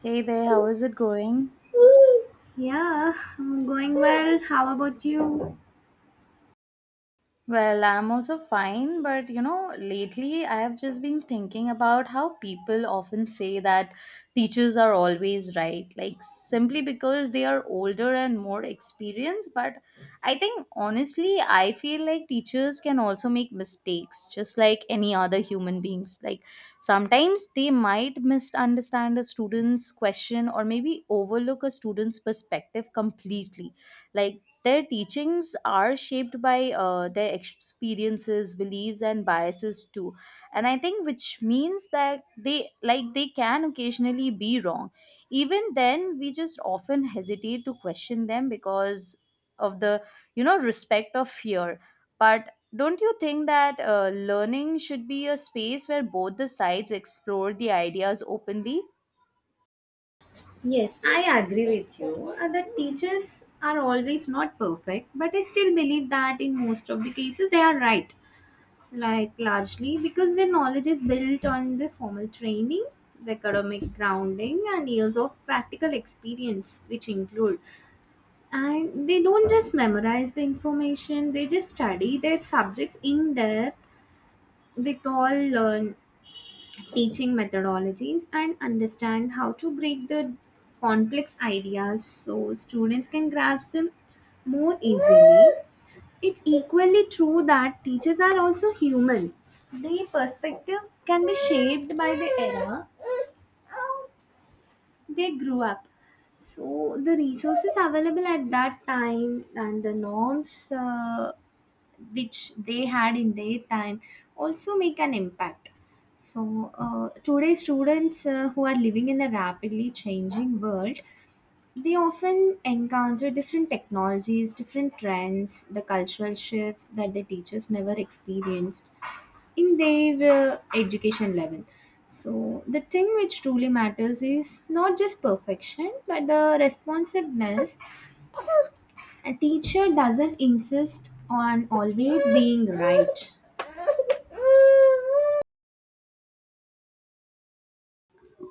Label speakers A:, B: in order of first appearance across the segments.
A: Hey there, how is it going?
B: Yeah, I'm going well. How about you?
A: Well, I'm also fine, but lately I have just been thinking about how people often say that teachers are always right, like simply because they are older and more experienced. But I think honestly, I feel like teachers can also make mistakes, just like any other human beings. Like sometimes they might misunderstand a student's question or maybe overlook a student's perspective completely. Like their teachings are shaped by their experiences, beliefs, and biases too. And I think which means that they can occasionally be wrong. Even then, we just often hesitate to question them because of the respect of fear. But don't you think that learning should be a space where both the sides explore the ideas openly?
B: Yes, I agree with you. The teachers are always not perfect, but I still believe that in most of the cases they are right. Like largely because their knowledge is built on the formal training, the academic grounding, and years of practical experience, which include. And they don't just memorize the information; they just study their subjects in depth with all learn teaching methodologies and understand how to break the complex ideas so students can grasp them more easily. It's equally true that teachers are also human. Their perspective can be shaped by the era they grew up. So the resources available at that time and the norms which they had in their time also make an impact, so today students who are living in a rapidly changing world, they often encounter different technologies, different trends, the cultural shifts that the teachers never experienced in their education level. So the thing which truly matters is not just perfection but the responsiveness. A teacher doesn't insist on always being right.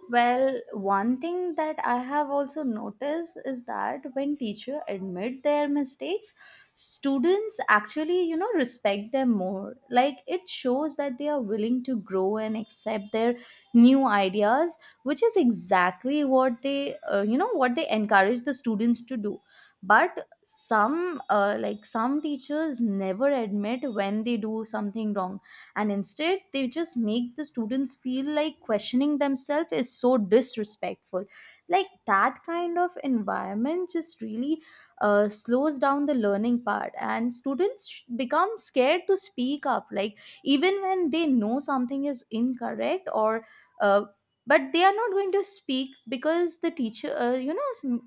A: Well, one thing that I have also noticed is that when teacher admit their mistakes, students actually, respect them more. Like it shows that they are willing to grow and accept their new ideas, which is exactly what what they encourage the students to do. But like some teachers, never admit when they do something wrong, and instead they just make the students feel like questioning themselves is so disrespectful. Like that kind of environment just really slows down the learning part, and become scared to speak up. Like even when they know something is incorrect or uh, but they are not going to speak because the teacher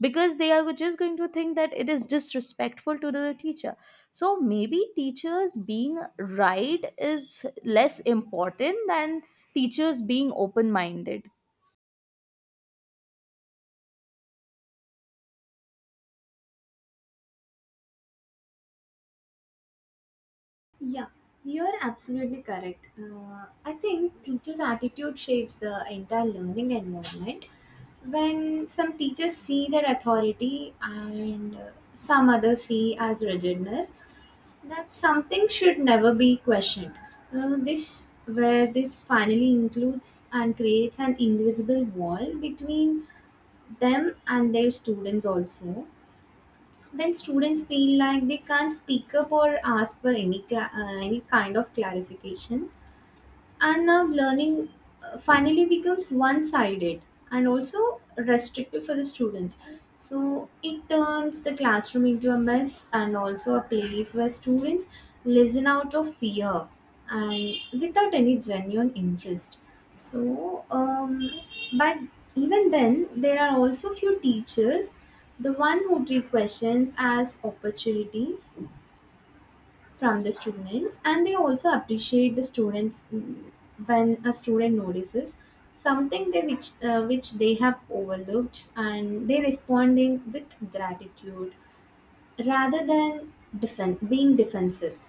A: because they are just going to think that it is disrespectful to the teacher. So maybe teachers being right is less important than teachers being open minded.
B: Yeah, you're absolutely correct. I think teachers' attitude shapes the entire learning environment. When some teachers see their authority and some others see as rigidness, that something should never be questioned. This where this finally includes and creates an invisible wall between them and their students also, when students feel like they can't speak up or ask for any any kind of clarification, and now learning finally becomes one-sided and also restrictive for the students. So it turns the classroom into a mess and also a place where students listen out of fear and without any genuine interest. So but even then there are also few teachers, the one who treat questions as opportunities from the students, and they also appreciate the students. When a student notices something they which they have overlooked and they responding with gratitude rather than being defensive.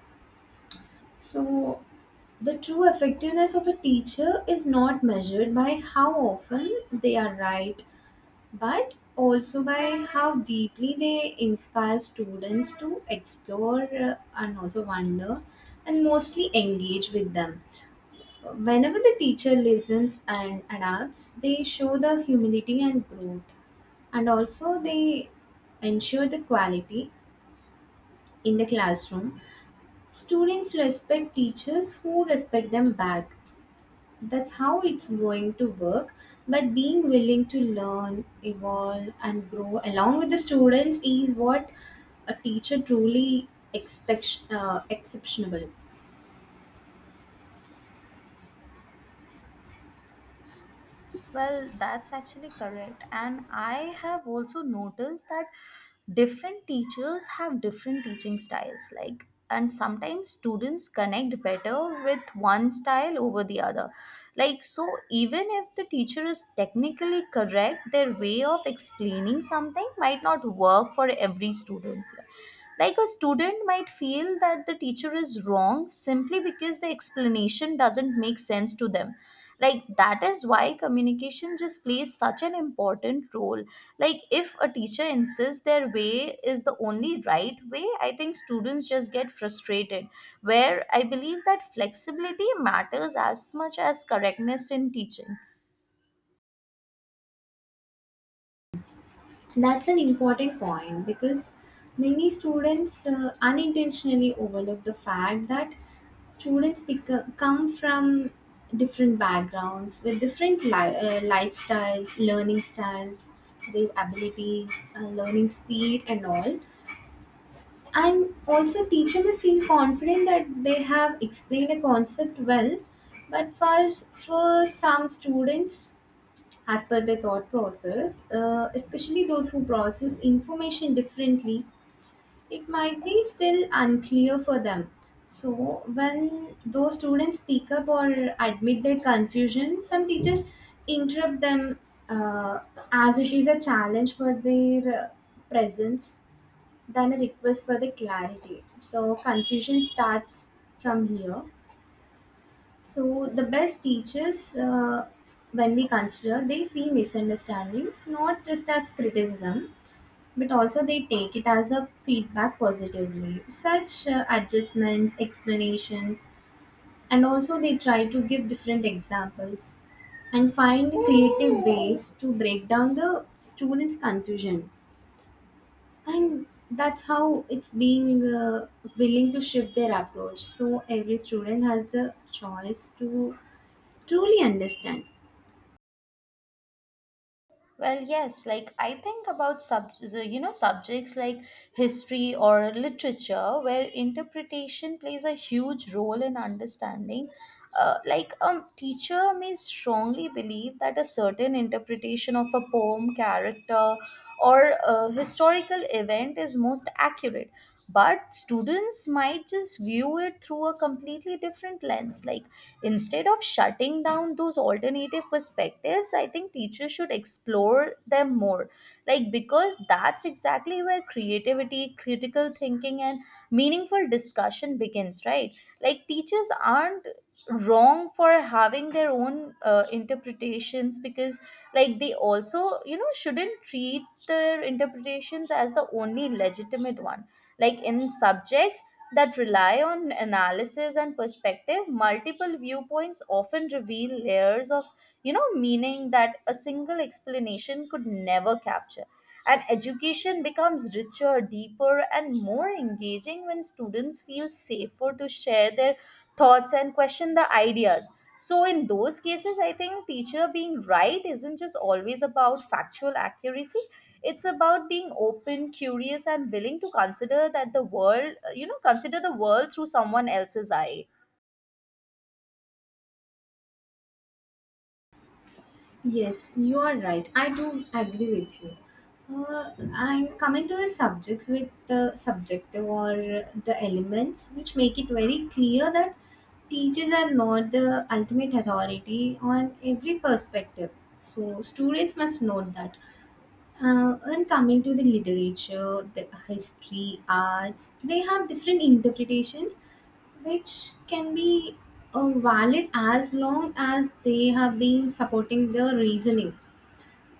B: So the true effectiveness of a teacher is not measured by how often they are right, but also by how deeply they inspire students to explore and also wonder and mostly engage with them. Whenever the teacher listens and adapts, they show the humility and growth, and also they ensure the quality in the classroom. Students respect teachers who respect them back. That's how it's going to work. But being willing to learn, evolve, and grow along with the students is what a teacher truly exceptional.
A: Well, that's actually correct. And I have also noticed that different teachers have different teaching styles. Like, and sometimes students connect better with one style over the other. Like, so even if the teacher is technically correct, their way of explaining something might not work for every student. Like a student might feel that the teacher is wrong simply because the explanation doesn't make sense to them. Like that is why communication just plays such an important role. Like if a teacher insists their way is the only right way, I think students just get frustrated, where I believe that flexibility matters as much as correctness in teaching.
B: That's an important point because many students unintentionally overlook the fact that students come from different backgrounds with different lifestyles, learning styles, their abilities, learning speed, and all. And also teacher may feel confident that they have explained a concept well, but for some students, as per their thought process, especially those who process information differently, it might be still unclear for them. So when those students speak up or admit their confusion, some teachers interrupt them uh, as it is a challenge for their presence than a request for the clarity. So confusion starts from here. So the best teachers, when we consider, they see misunderstandings not just as criticism, but also they take it as a feedback positively. Such adjustments, explanations, and also they try to give different examples and find creative ways to break down the students' confusion, and that's how it's being willing to shift their approach so every student has the choice to truly understand.
A: Well, yes, like I think about subjects like history or literature where interpretation plays a huge role in understanding. Like a teacher may strongly believe that a certain interpretation of a poem, character, or historical event is most accurate, but students might just view it through a completely different lens. Like instead of shutting down those alternative perspectives, I think teachers should explore them more. Like, because that's exactly where creativity, critical thinking, and meaningful discussion begins, right? Like, teachers aren't wrong for having their own interpretations because like they also shouldn't treat their interpretations as the only legitimate one. Like in subjects that rely on analysis and perspective, multiple viewpoints often reveal layers of meaning that a single explanation could never capture. And education becomes richer, deeper, and more engaging when students feel safer to share their thoughts and question the ideas. So in those cases, I think teacher being right isn't just always about factual accuracy. It's about being open, curious, and willing to consider that the world, you know, consider the world through someone else's eye.
B: Yes, you are right, I do agree with you. uh, and coming to the subjects with the subjective or the elements which make it very clear that teachers are not the ultimate authority on every perspective, so students must note that. When coming to the literature, the history, arts, they have different interpretations which can be valid as long as they have been supporting the reasoning.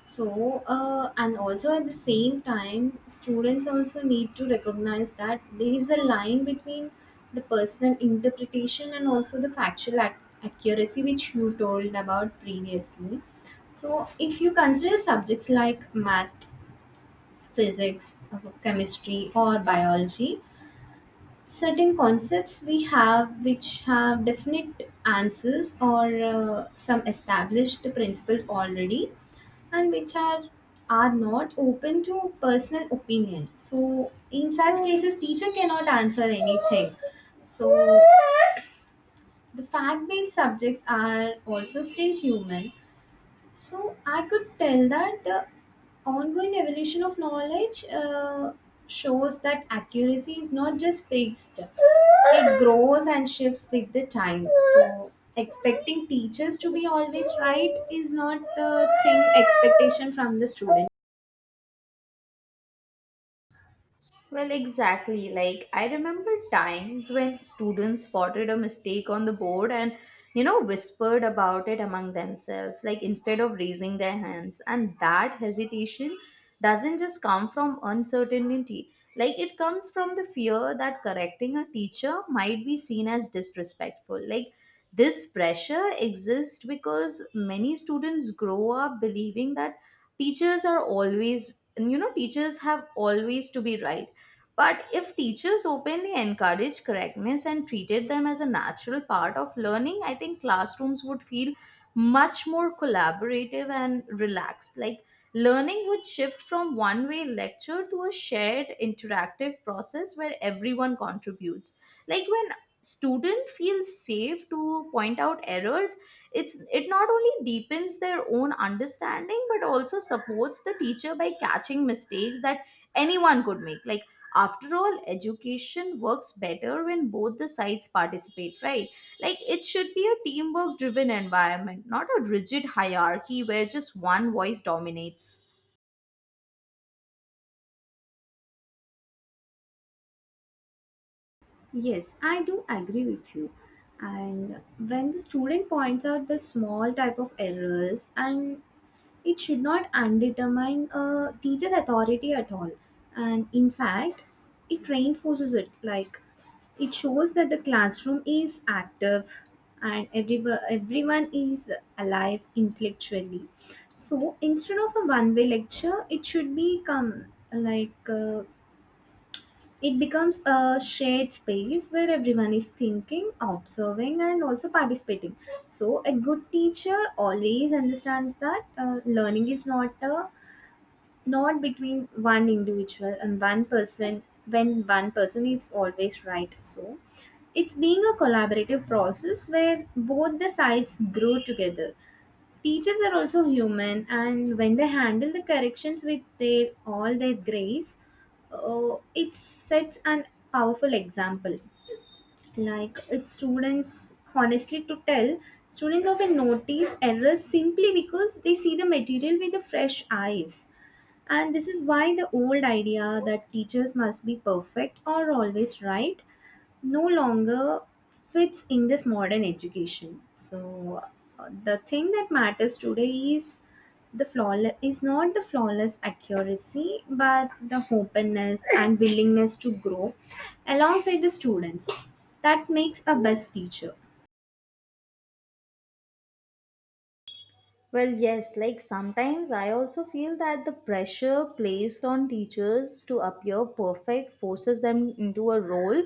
B: So, and also at the same time, students also need to recognize that there is a line between the personal interpretation and also the factual accuracy which you told about previously. So, if you consider subjects like math, physics, chemistry, or biology. Certain concepts we have which have definite answers or some established principles already, and which are not open to personal opinion. So, in such cases, teacher cannot answer anything. So, the fact based subjects are also still human, so I could tell that the ongoing evolution of knowledge shows that accuracy is not just fixed, it grows and shifts with the time. So expecting teachers to be always right is not the thing expectation from the students.
A: Well, exactly. Like, I remember times when students spotted a mistake on the board and, whispered about it among themselves, like instead of raising their hands. And that hesitation doesn't just come from uncertainty. Like, it comes from the fear that correcting a teacher might be seen as disrespectful. Like, this pressure exists because many students grow up believing that teachers are always, you know, teachers have always to be right. But if teachers openly encourage correctness and treated them as a natural part of learning, I think classrooms would feel much more collaborative and relaxed. Like learning would shift from one way lecture to a shared interactive process where everyone contributes. Like when student feels safe to point out errors, it not only deepens their own understanding but also supports the teacher by catching mistakes that anyone could make. Like after all, education works better when both the sides participate, right? Like it should be a teamwork driven environment, not a rigid hierarchy where just one voice dominates.
B: Yes, I do agree with you. And when the student points out the small type of errors, and it should not undetermine a teacher's authority at all. And in fact, it reinforces it. Like it shows that the classroom is active, and everyone is alive intellectually. So instead of a one-way lecture, it should become like it becomes a shared space where everyone is thinking, observing, and also participating. So, a good teacher always understands that learning is not a not between one individual and one person when one person is always right. So, it's being a collaborative process where both the sides grow together. Teachers are also human, and when they handle the corrections with their all their grace, uh, it sets an powerful example. Like it's students, honestly, to tell, students often notice errors simply because they see the material with the fresh eyes, and this is why the old idea that teachers must be perfect or always right no longer fits in this modern education. So the thing that matters today is the flawless is not the flawless accuracy but the openness and willingness to grow alongside the students, that makes a best teacher.
A: Well, yes, like sometimes I also feel that the pressure placed on teachers to appear perfect forces them into a role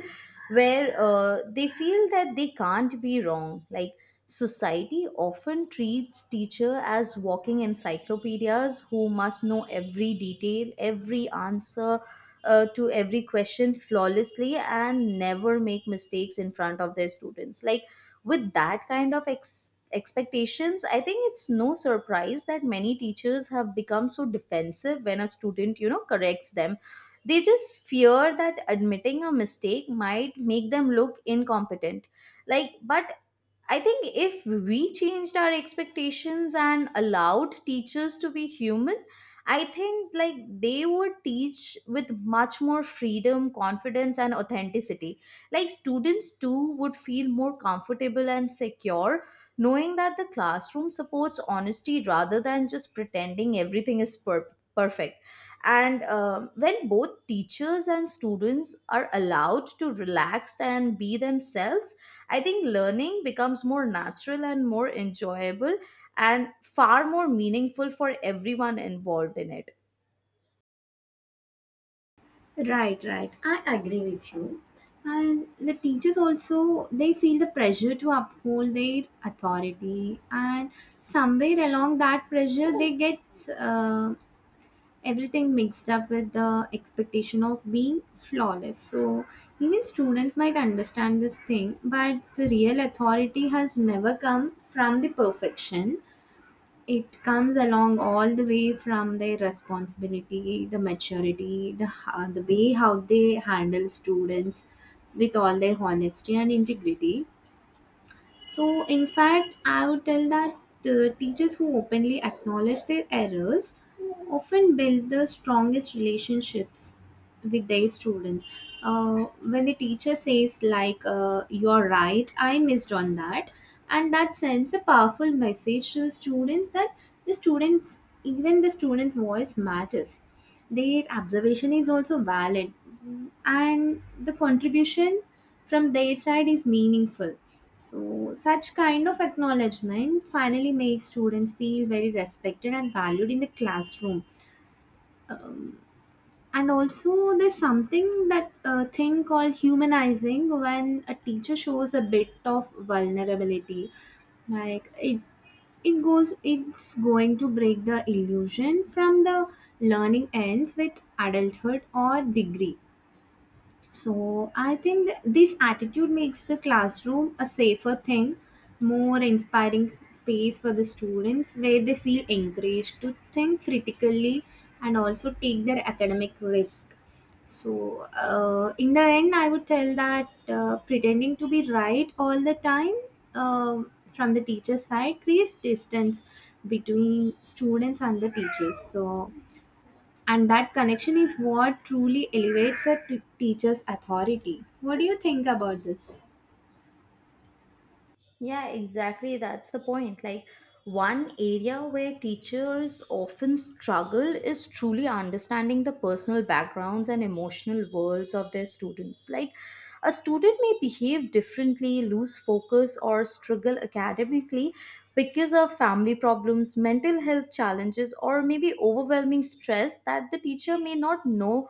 A: where they feel that they can't be wrong. Like society often treats teacher as walking encyclopedias who must know every detail, every answer to every question flawlessly and never make mistakes in front of their students. Like with that kind of expectations, I think it's no surprise that many teachers have become so defensive when a student, corrects them. They just fear that admitting a mistake might make them look incompetent. Like, but I think if we changed our expectations and allowed teachers to be human, I think like they would teach with much more freedom, confidence, and authenticity. Like students too would feel more comfortable and secure, knowing that the classroom supports honesty rather than just pretending everything is perfect. And when both teachers and students are allowed to relax and be themselves, I think learning becomes more natural and more enjoyable and far more meaningful for everyone involved in it.
B: Right, right. I agree with you. And the teachers also they feel the pressure to uphold their authority, and somewhere along that pressure they get uh, everything mixed up with the expectation of being flawless. So even students might understand this thing, but the real authority has never come from the perfection, it comes along all the way from their responsibility, the maturity, the the way how they handle students with all their honesty and integrity. So, in fact, I would tell that the teachers who openly acknowledge their errors often build the strongest relationships with their students. Uh, when the teacher says, like, you're right, I missed on that, and that sends a powerful message to the students that the students, even the students' voice matters. Their observation is also valid, and the contribution from their side is meaningful. So, such kind of acknowledgement finally makes students feel very respected and valued in the classroom. Um, and also, there's something that thing called humanizing when a teacher shows a bit of vulnerability. Like it goes, it's going to break the illusion from the learning ends with adulthood or degree. So I think this attitude makes the classroom a safer thing, more inspiring space for the students where they feel encouraged to think critically and also take their academic risk. So in the end, I would tell that pretending to be right all the time, uh, from the teacher's side creates distance between students and the teachers. So and that connection is what truly elevates a teacher's authority. What do you think about this?
A: Yeah, exactly. That's the point. Like, one area where teachers often struggle is truly understanding the personal backgrounds and emotional worlds of their students. Like, a student may behave differently, lose focus, or struggle academically because of family problems, mental health challenges, or maybe overwhelming stress that the teacher may not know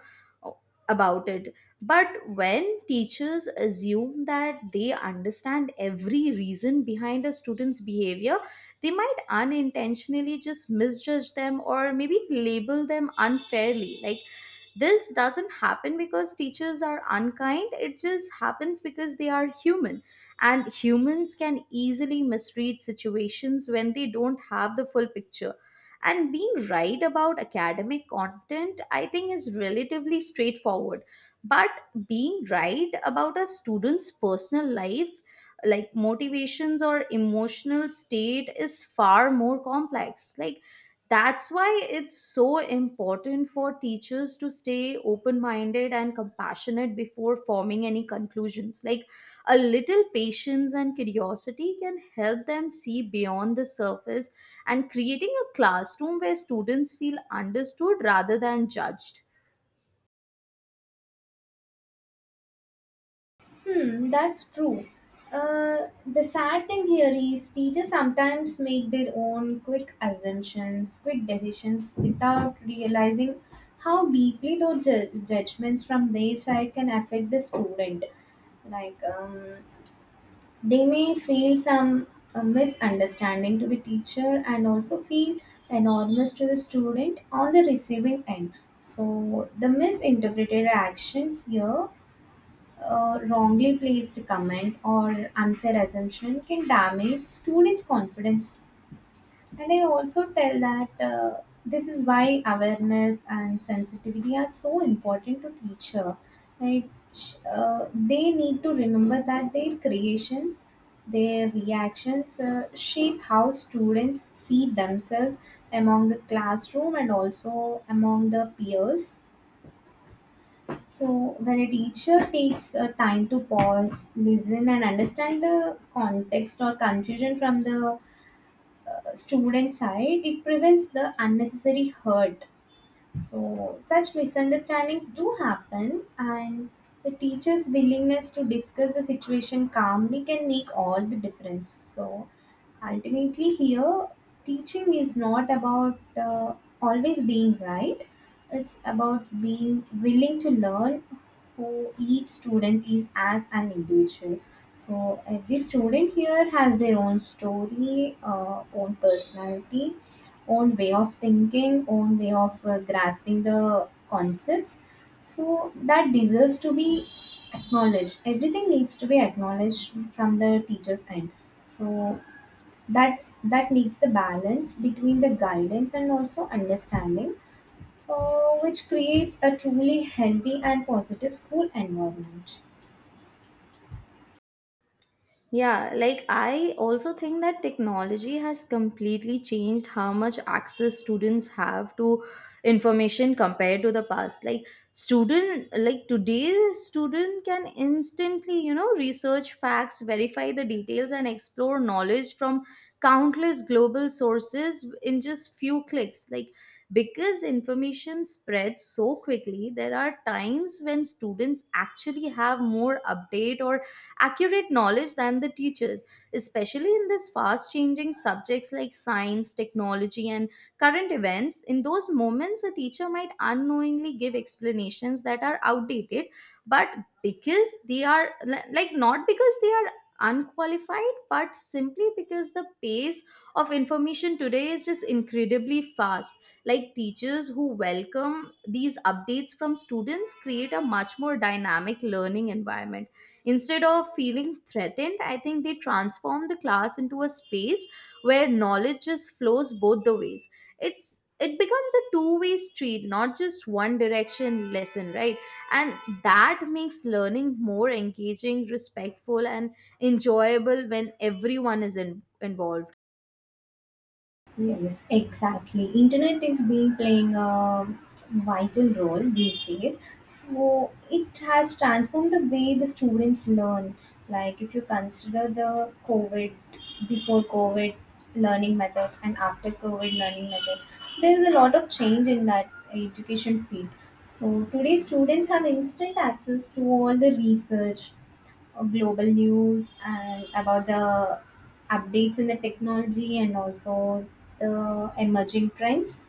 A: about it. But when teachers assume that they understand every reason behind a student's behavior, they might unintentionally just misjudge them or maybe label them unfairly. Like, this doesn't happen because teachers are unkind, it just happens because they are human. And humans can easily misread situations when they don't have the full picture. And being right about academic content, I think, is relatively straightforward, but being right about a student's personal life like motivations or emotional state is far more complex. Like that's why it's so important for teachers to stay open minded and compassionate before forming any conclusions. Like a little patience and curiosity can help them see beyond the surface, and creating a classroom where students feel understood rather than judged.
B: Hmm, that's true. The sad thing here is teachers sometimes make their own quick assumptions, quick decisions without realizing how deeply those judgments from their side can affect the student. Like, they may feel some misunderstanding to the teacher and also feel enormous to the student on the receiving end. So the misinterpreted action here, wrongly placed comment or unfair assumption can damage students confidence, and I also tell that this is why awareness and sensitivity are so important to teacher. Right? Sh- Uh, they need to remember that their creations, their reactions shape how students see themselves among the classroom and also among the peers. So when a teacher takes time to pause, listen, and understand the context or confusion from the student side, it prevents the unnecessary hurt. So, such misunderstandings do happen, and the teacher's willingness to discuss the situation calmly can make all the difference. So, ultimately, here, teaching is not about always being right, it's about being willing to learn who each student is as an individual. So, every student here has their own story, own personality, own way of thinking, own way of grasping the concepts. So that deserves to be acknowledged. Everything needs to be acknowledged from the teacher's end. So that needs the balance between the guidance and also understanding, which creates a truly healthy and positive school environment.
A: Yeah, like I also think that technology has completely changed how much access students have to information compared to the past. Like student like today student can instantly, research facts, verify the details, and explore knowledge from countless global sources in just few clicks. Like because information spreads so quickly, there are times when students actually have more update or accurate knowledge than the teachers, especially in this fast changing subjects like science, technology, and current events. In those moments, a teacher might unknowingly give explanations that are outdated, but because like not because they are unqualified but simply because the pace of information today is just incredibly fast. Like teachers who welcome these updates from students create a much more dynamic learning environment. Instead of feeling threatened, I think they transform the class into a space where knowledge just flows both the ways. It becomes a two-way street, not just one direction lesson, right? And that makes learning more engaging, respectful, and enjoyable when everyone is involved.
B: Yes, exactly. Internet is being playing a vital role these days. So it has transformed the way the students learn. Like if you consider the COVID, before COVID learning methods and after COVID learning methods, there is a lot of change in that education field. So today students have instant access to all the research, global news and about the updates in the technology and also the emerging trends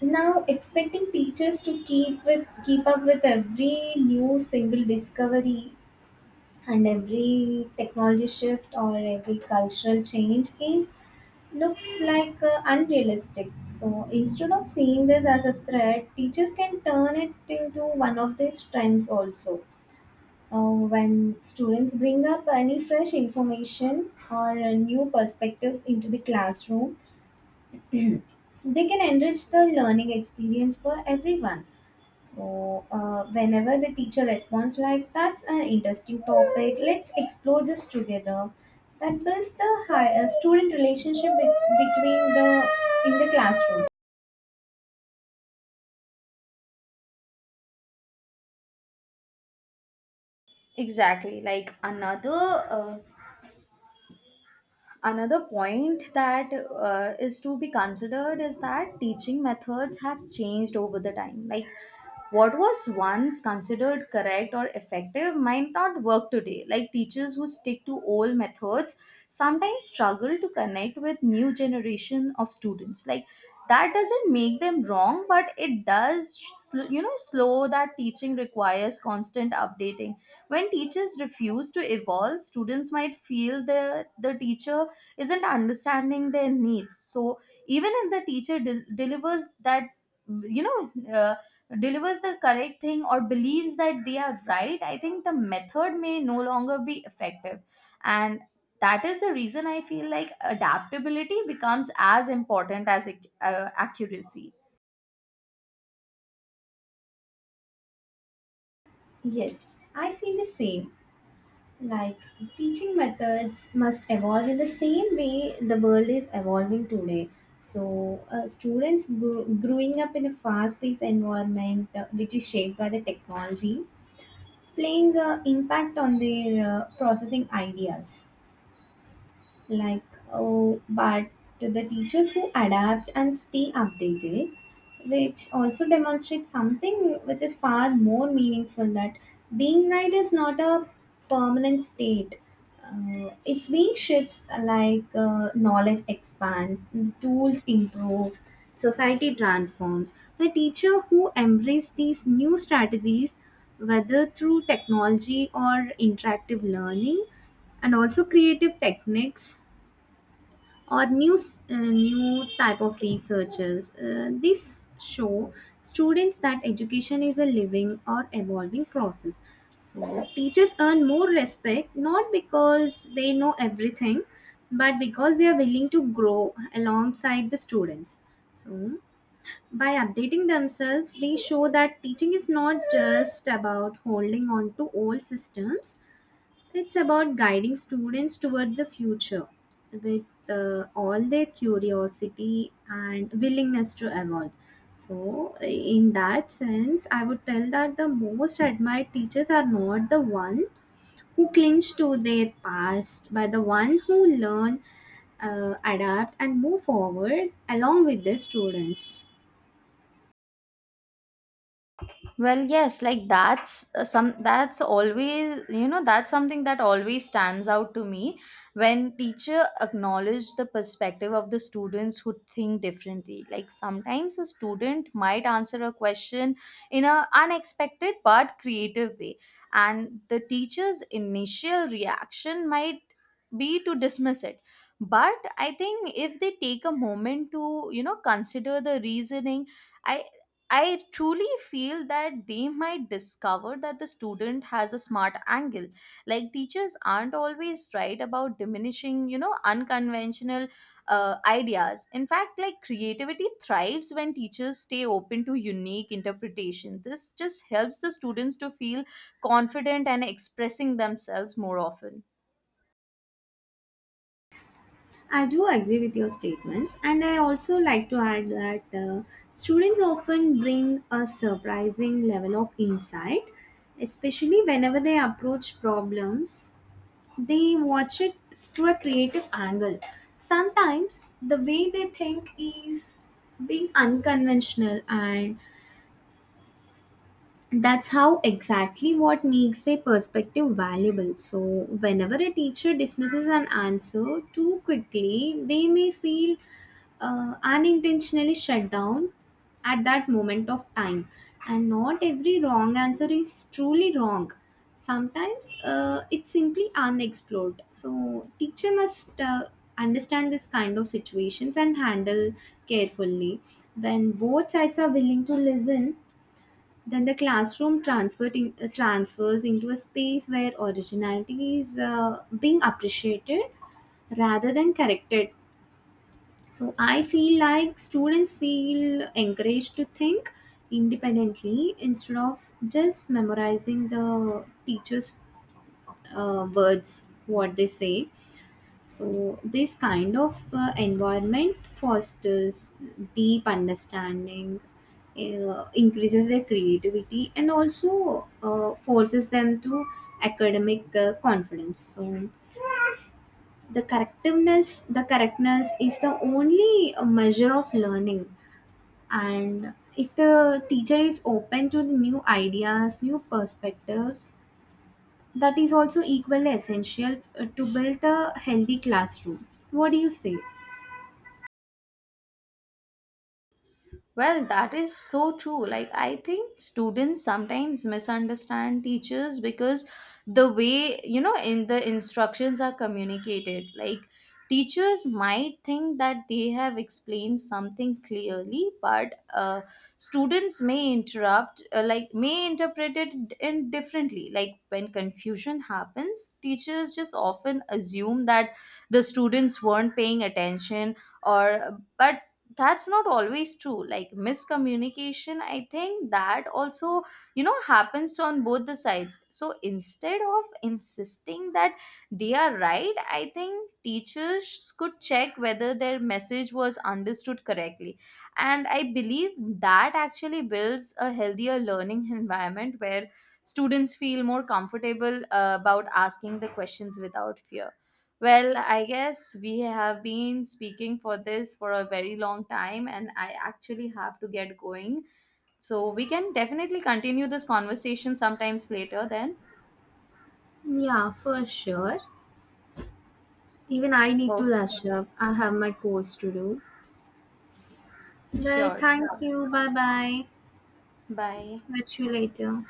B: now expecting teachers to keep up with every new single discovery and every technology shift or every cultural change is looks like unrealistic. So instead of seeing this as a threat, teachers can turn it into one of their strengths also. When students bring up any fresh information or new perspectives into the classroom, they can enrich the learning experience for everyone. So, whenever the teacher responds like, that's an interesting topic, let's explore this together, that builds the student relationship between the in the classroom.
A: Exactly. Like uh, another point that is to be considered is that teaching methods have changed over the time. Like what was once considered correct or effective might not work today. Like teachers who stick to old methods sometimes struggle to connect with new generation of students. Like that doesn't make them wrong, but it does, slow that teaching requires constant updating. When teachers refuse to evolve, students might feel the teacher isn't understanding their needs. So even if the delivers that you know uh, delivers the correct thing or believes that they are right, I think the method may no longer be effective. And that is the reason I feel like adaptability becomes as important as accuracy.
B: Yes, I feel the same. Like teaching methods must evolve in the same way the world is evolving today. So, students growing up in a fast paced environment which is shaped by the technology playing an impact on their processing ideas, like oh, but the teachers who adapt and stay updated, which also demonstrates something which is far more meaningful, that being right is not a permanent state. It's being shifts like knowledge expands, tools improve, society transforms. The teacher who embrace these new strategies, whether through technology or interactive learning and also creative techniques or new type of researches. This show students that education is a living or evolving process. So teachers earn more respect not because they know everything, but because they are willing to grow alongside the students. So by updating themselves, they show that teaching is not just about holding on to old systems, it's about guiding students toward the future with all their curiosity and willingness to evolve. So, in that sense, I would tell that the most admired teachers are not the one who clinch to their past, but the one who learn, adapt, and move forward along with their students.
A: Well, yes, like that's always, that's something that always stands out to me when teacher acknowledge the perspective of the students who think differently. Like sometimes a student might answer a question in a unexpected but creative way, and the teacher's initial reaction might be to dismiss it. But I think if they take a moment to, consider the reasoning, I, I truly feel that they might discover that the student has a smart angle. Like teachers aren't always right about diminishing, unconventional ideas. In fact, like creativity thrives when teachers stay open to unique interpretation. This just helps the students to feel confident and expressing themselves more often.
B: I do agree with your statements, and I also like to add that students often bring a surprising level of insight, especially whenever they approach problems. They watch it through a creative angle. Sometimes the way they think is being unconventional, and that's how exactly what makes their perspective valuable. So, whenever a teacher dismisses an answer too quickly, they may feel unintentionally shut down at that moment of time. And not every wrong answer is truly wrong, sometimes it's simply unexplored. So teacher must understand this kind of situations and handle carefully. When both sides are willing to listen, then the transfers into a space where originality is being appreciated rather than corrected. So I feel like students feel encouraged to think independently instead of just memorizing the teacher's words, what they say. So this kind of environment fosters deep understanding, increases their creativity, and also forces them to academic confidence. So the correctness is the only measure of learning. And if the teacher is open to the new ideas new perspectives, that is also equally essential to build a healthy classroom. What do you say?
A: Well, that is so true. Like, I think students sometimes misunderstand teachers because the way, in the instructions are communicated. Like, teachers might think that they have explained something clearly, but students may like, may interpret it in differently. Like, when confusion happens, teachers just often assume that the students weren't paying attention or but that's not always true. Like miscommunication, I think, that also happens on both the sides. So instead of insisting that they are right, I think teachers could check whether their message was understood correctly, and I believe that actually builds a healthier learning environment where students feel more comfortable about asking the questions without fear. Well, I guess we have been speaking for this for a very long time, and I actually have to get going. So we can definitely continue this conversation sometimes later then.
B: Yeah, for sure. Even I need to
A: Okay,
B: rush up, I have my course to do. Well,
A: sure,
B: thank
A: sure.
B: you. Bye bye.
A: Bye.
B: Catch you later.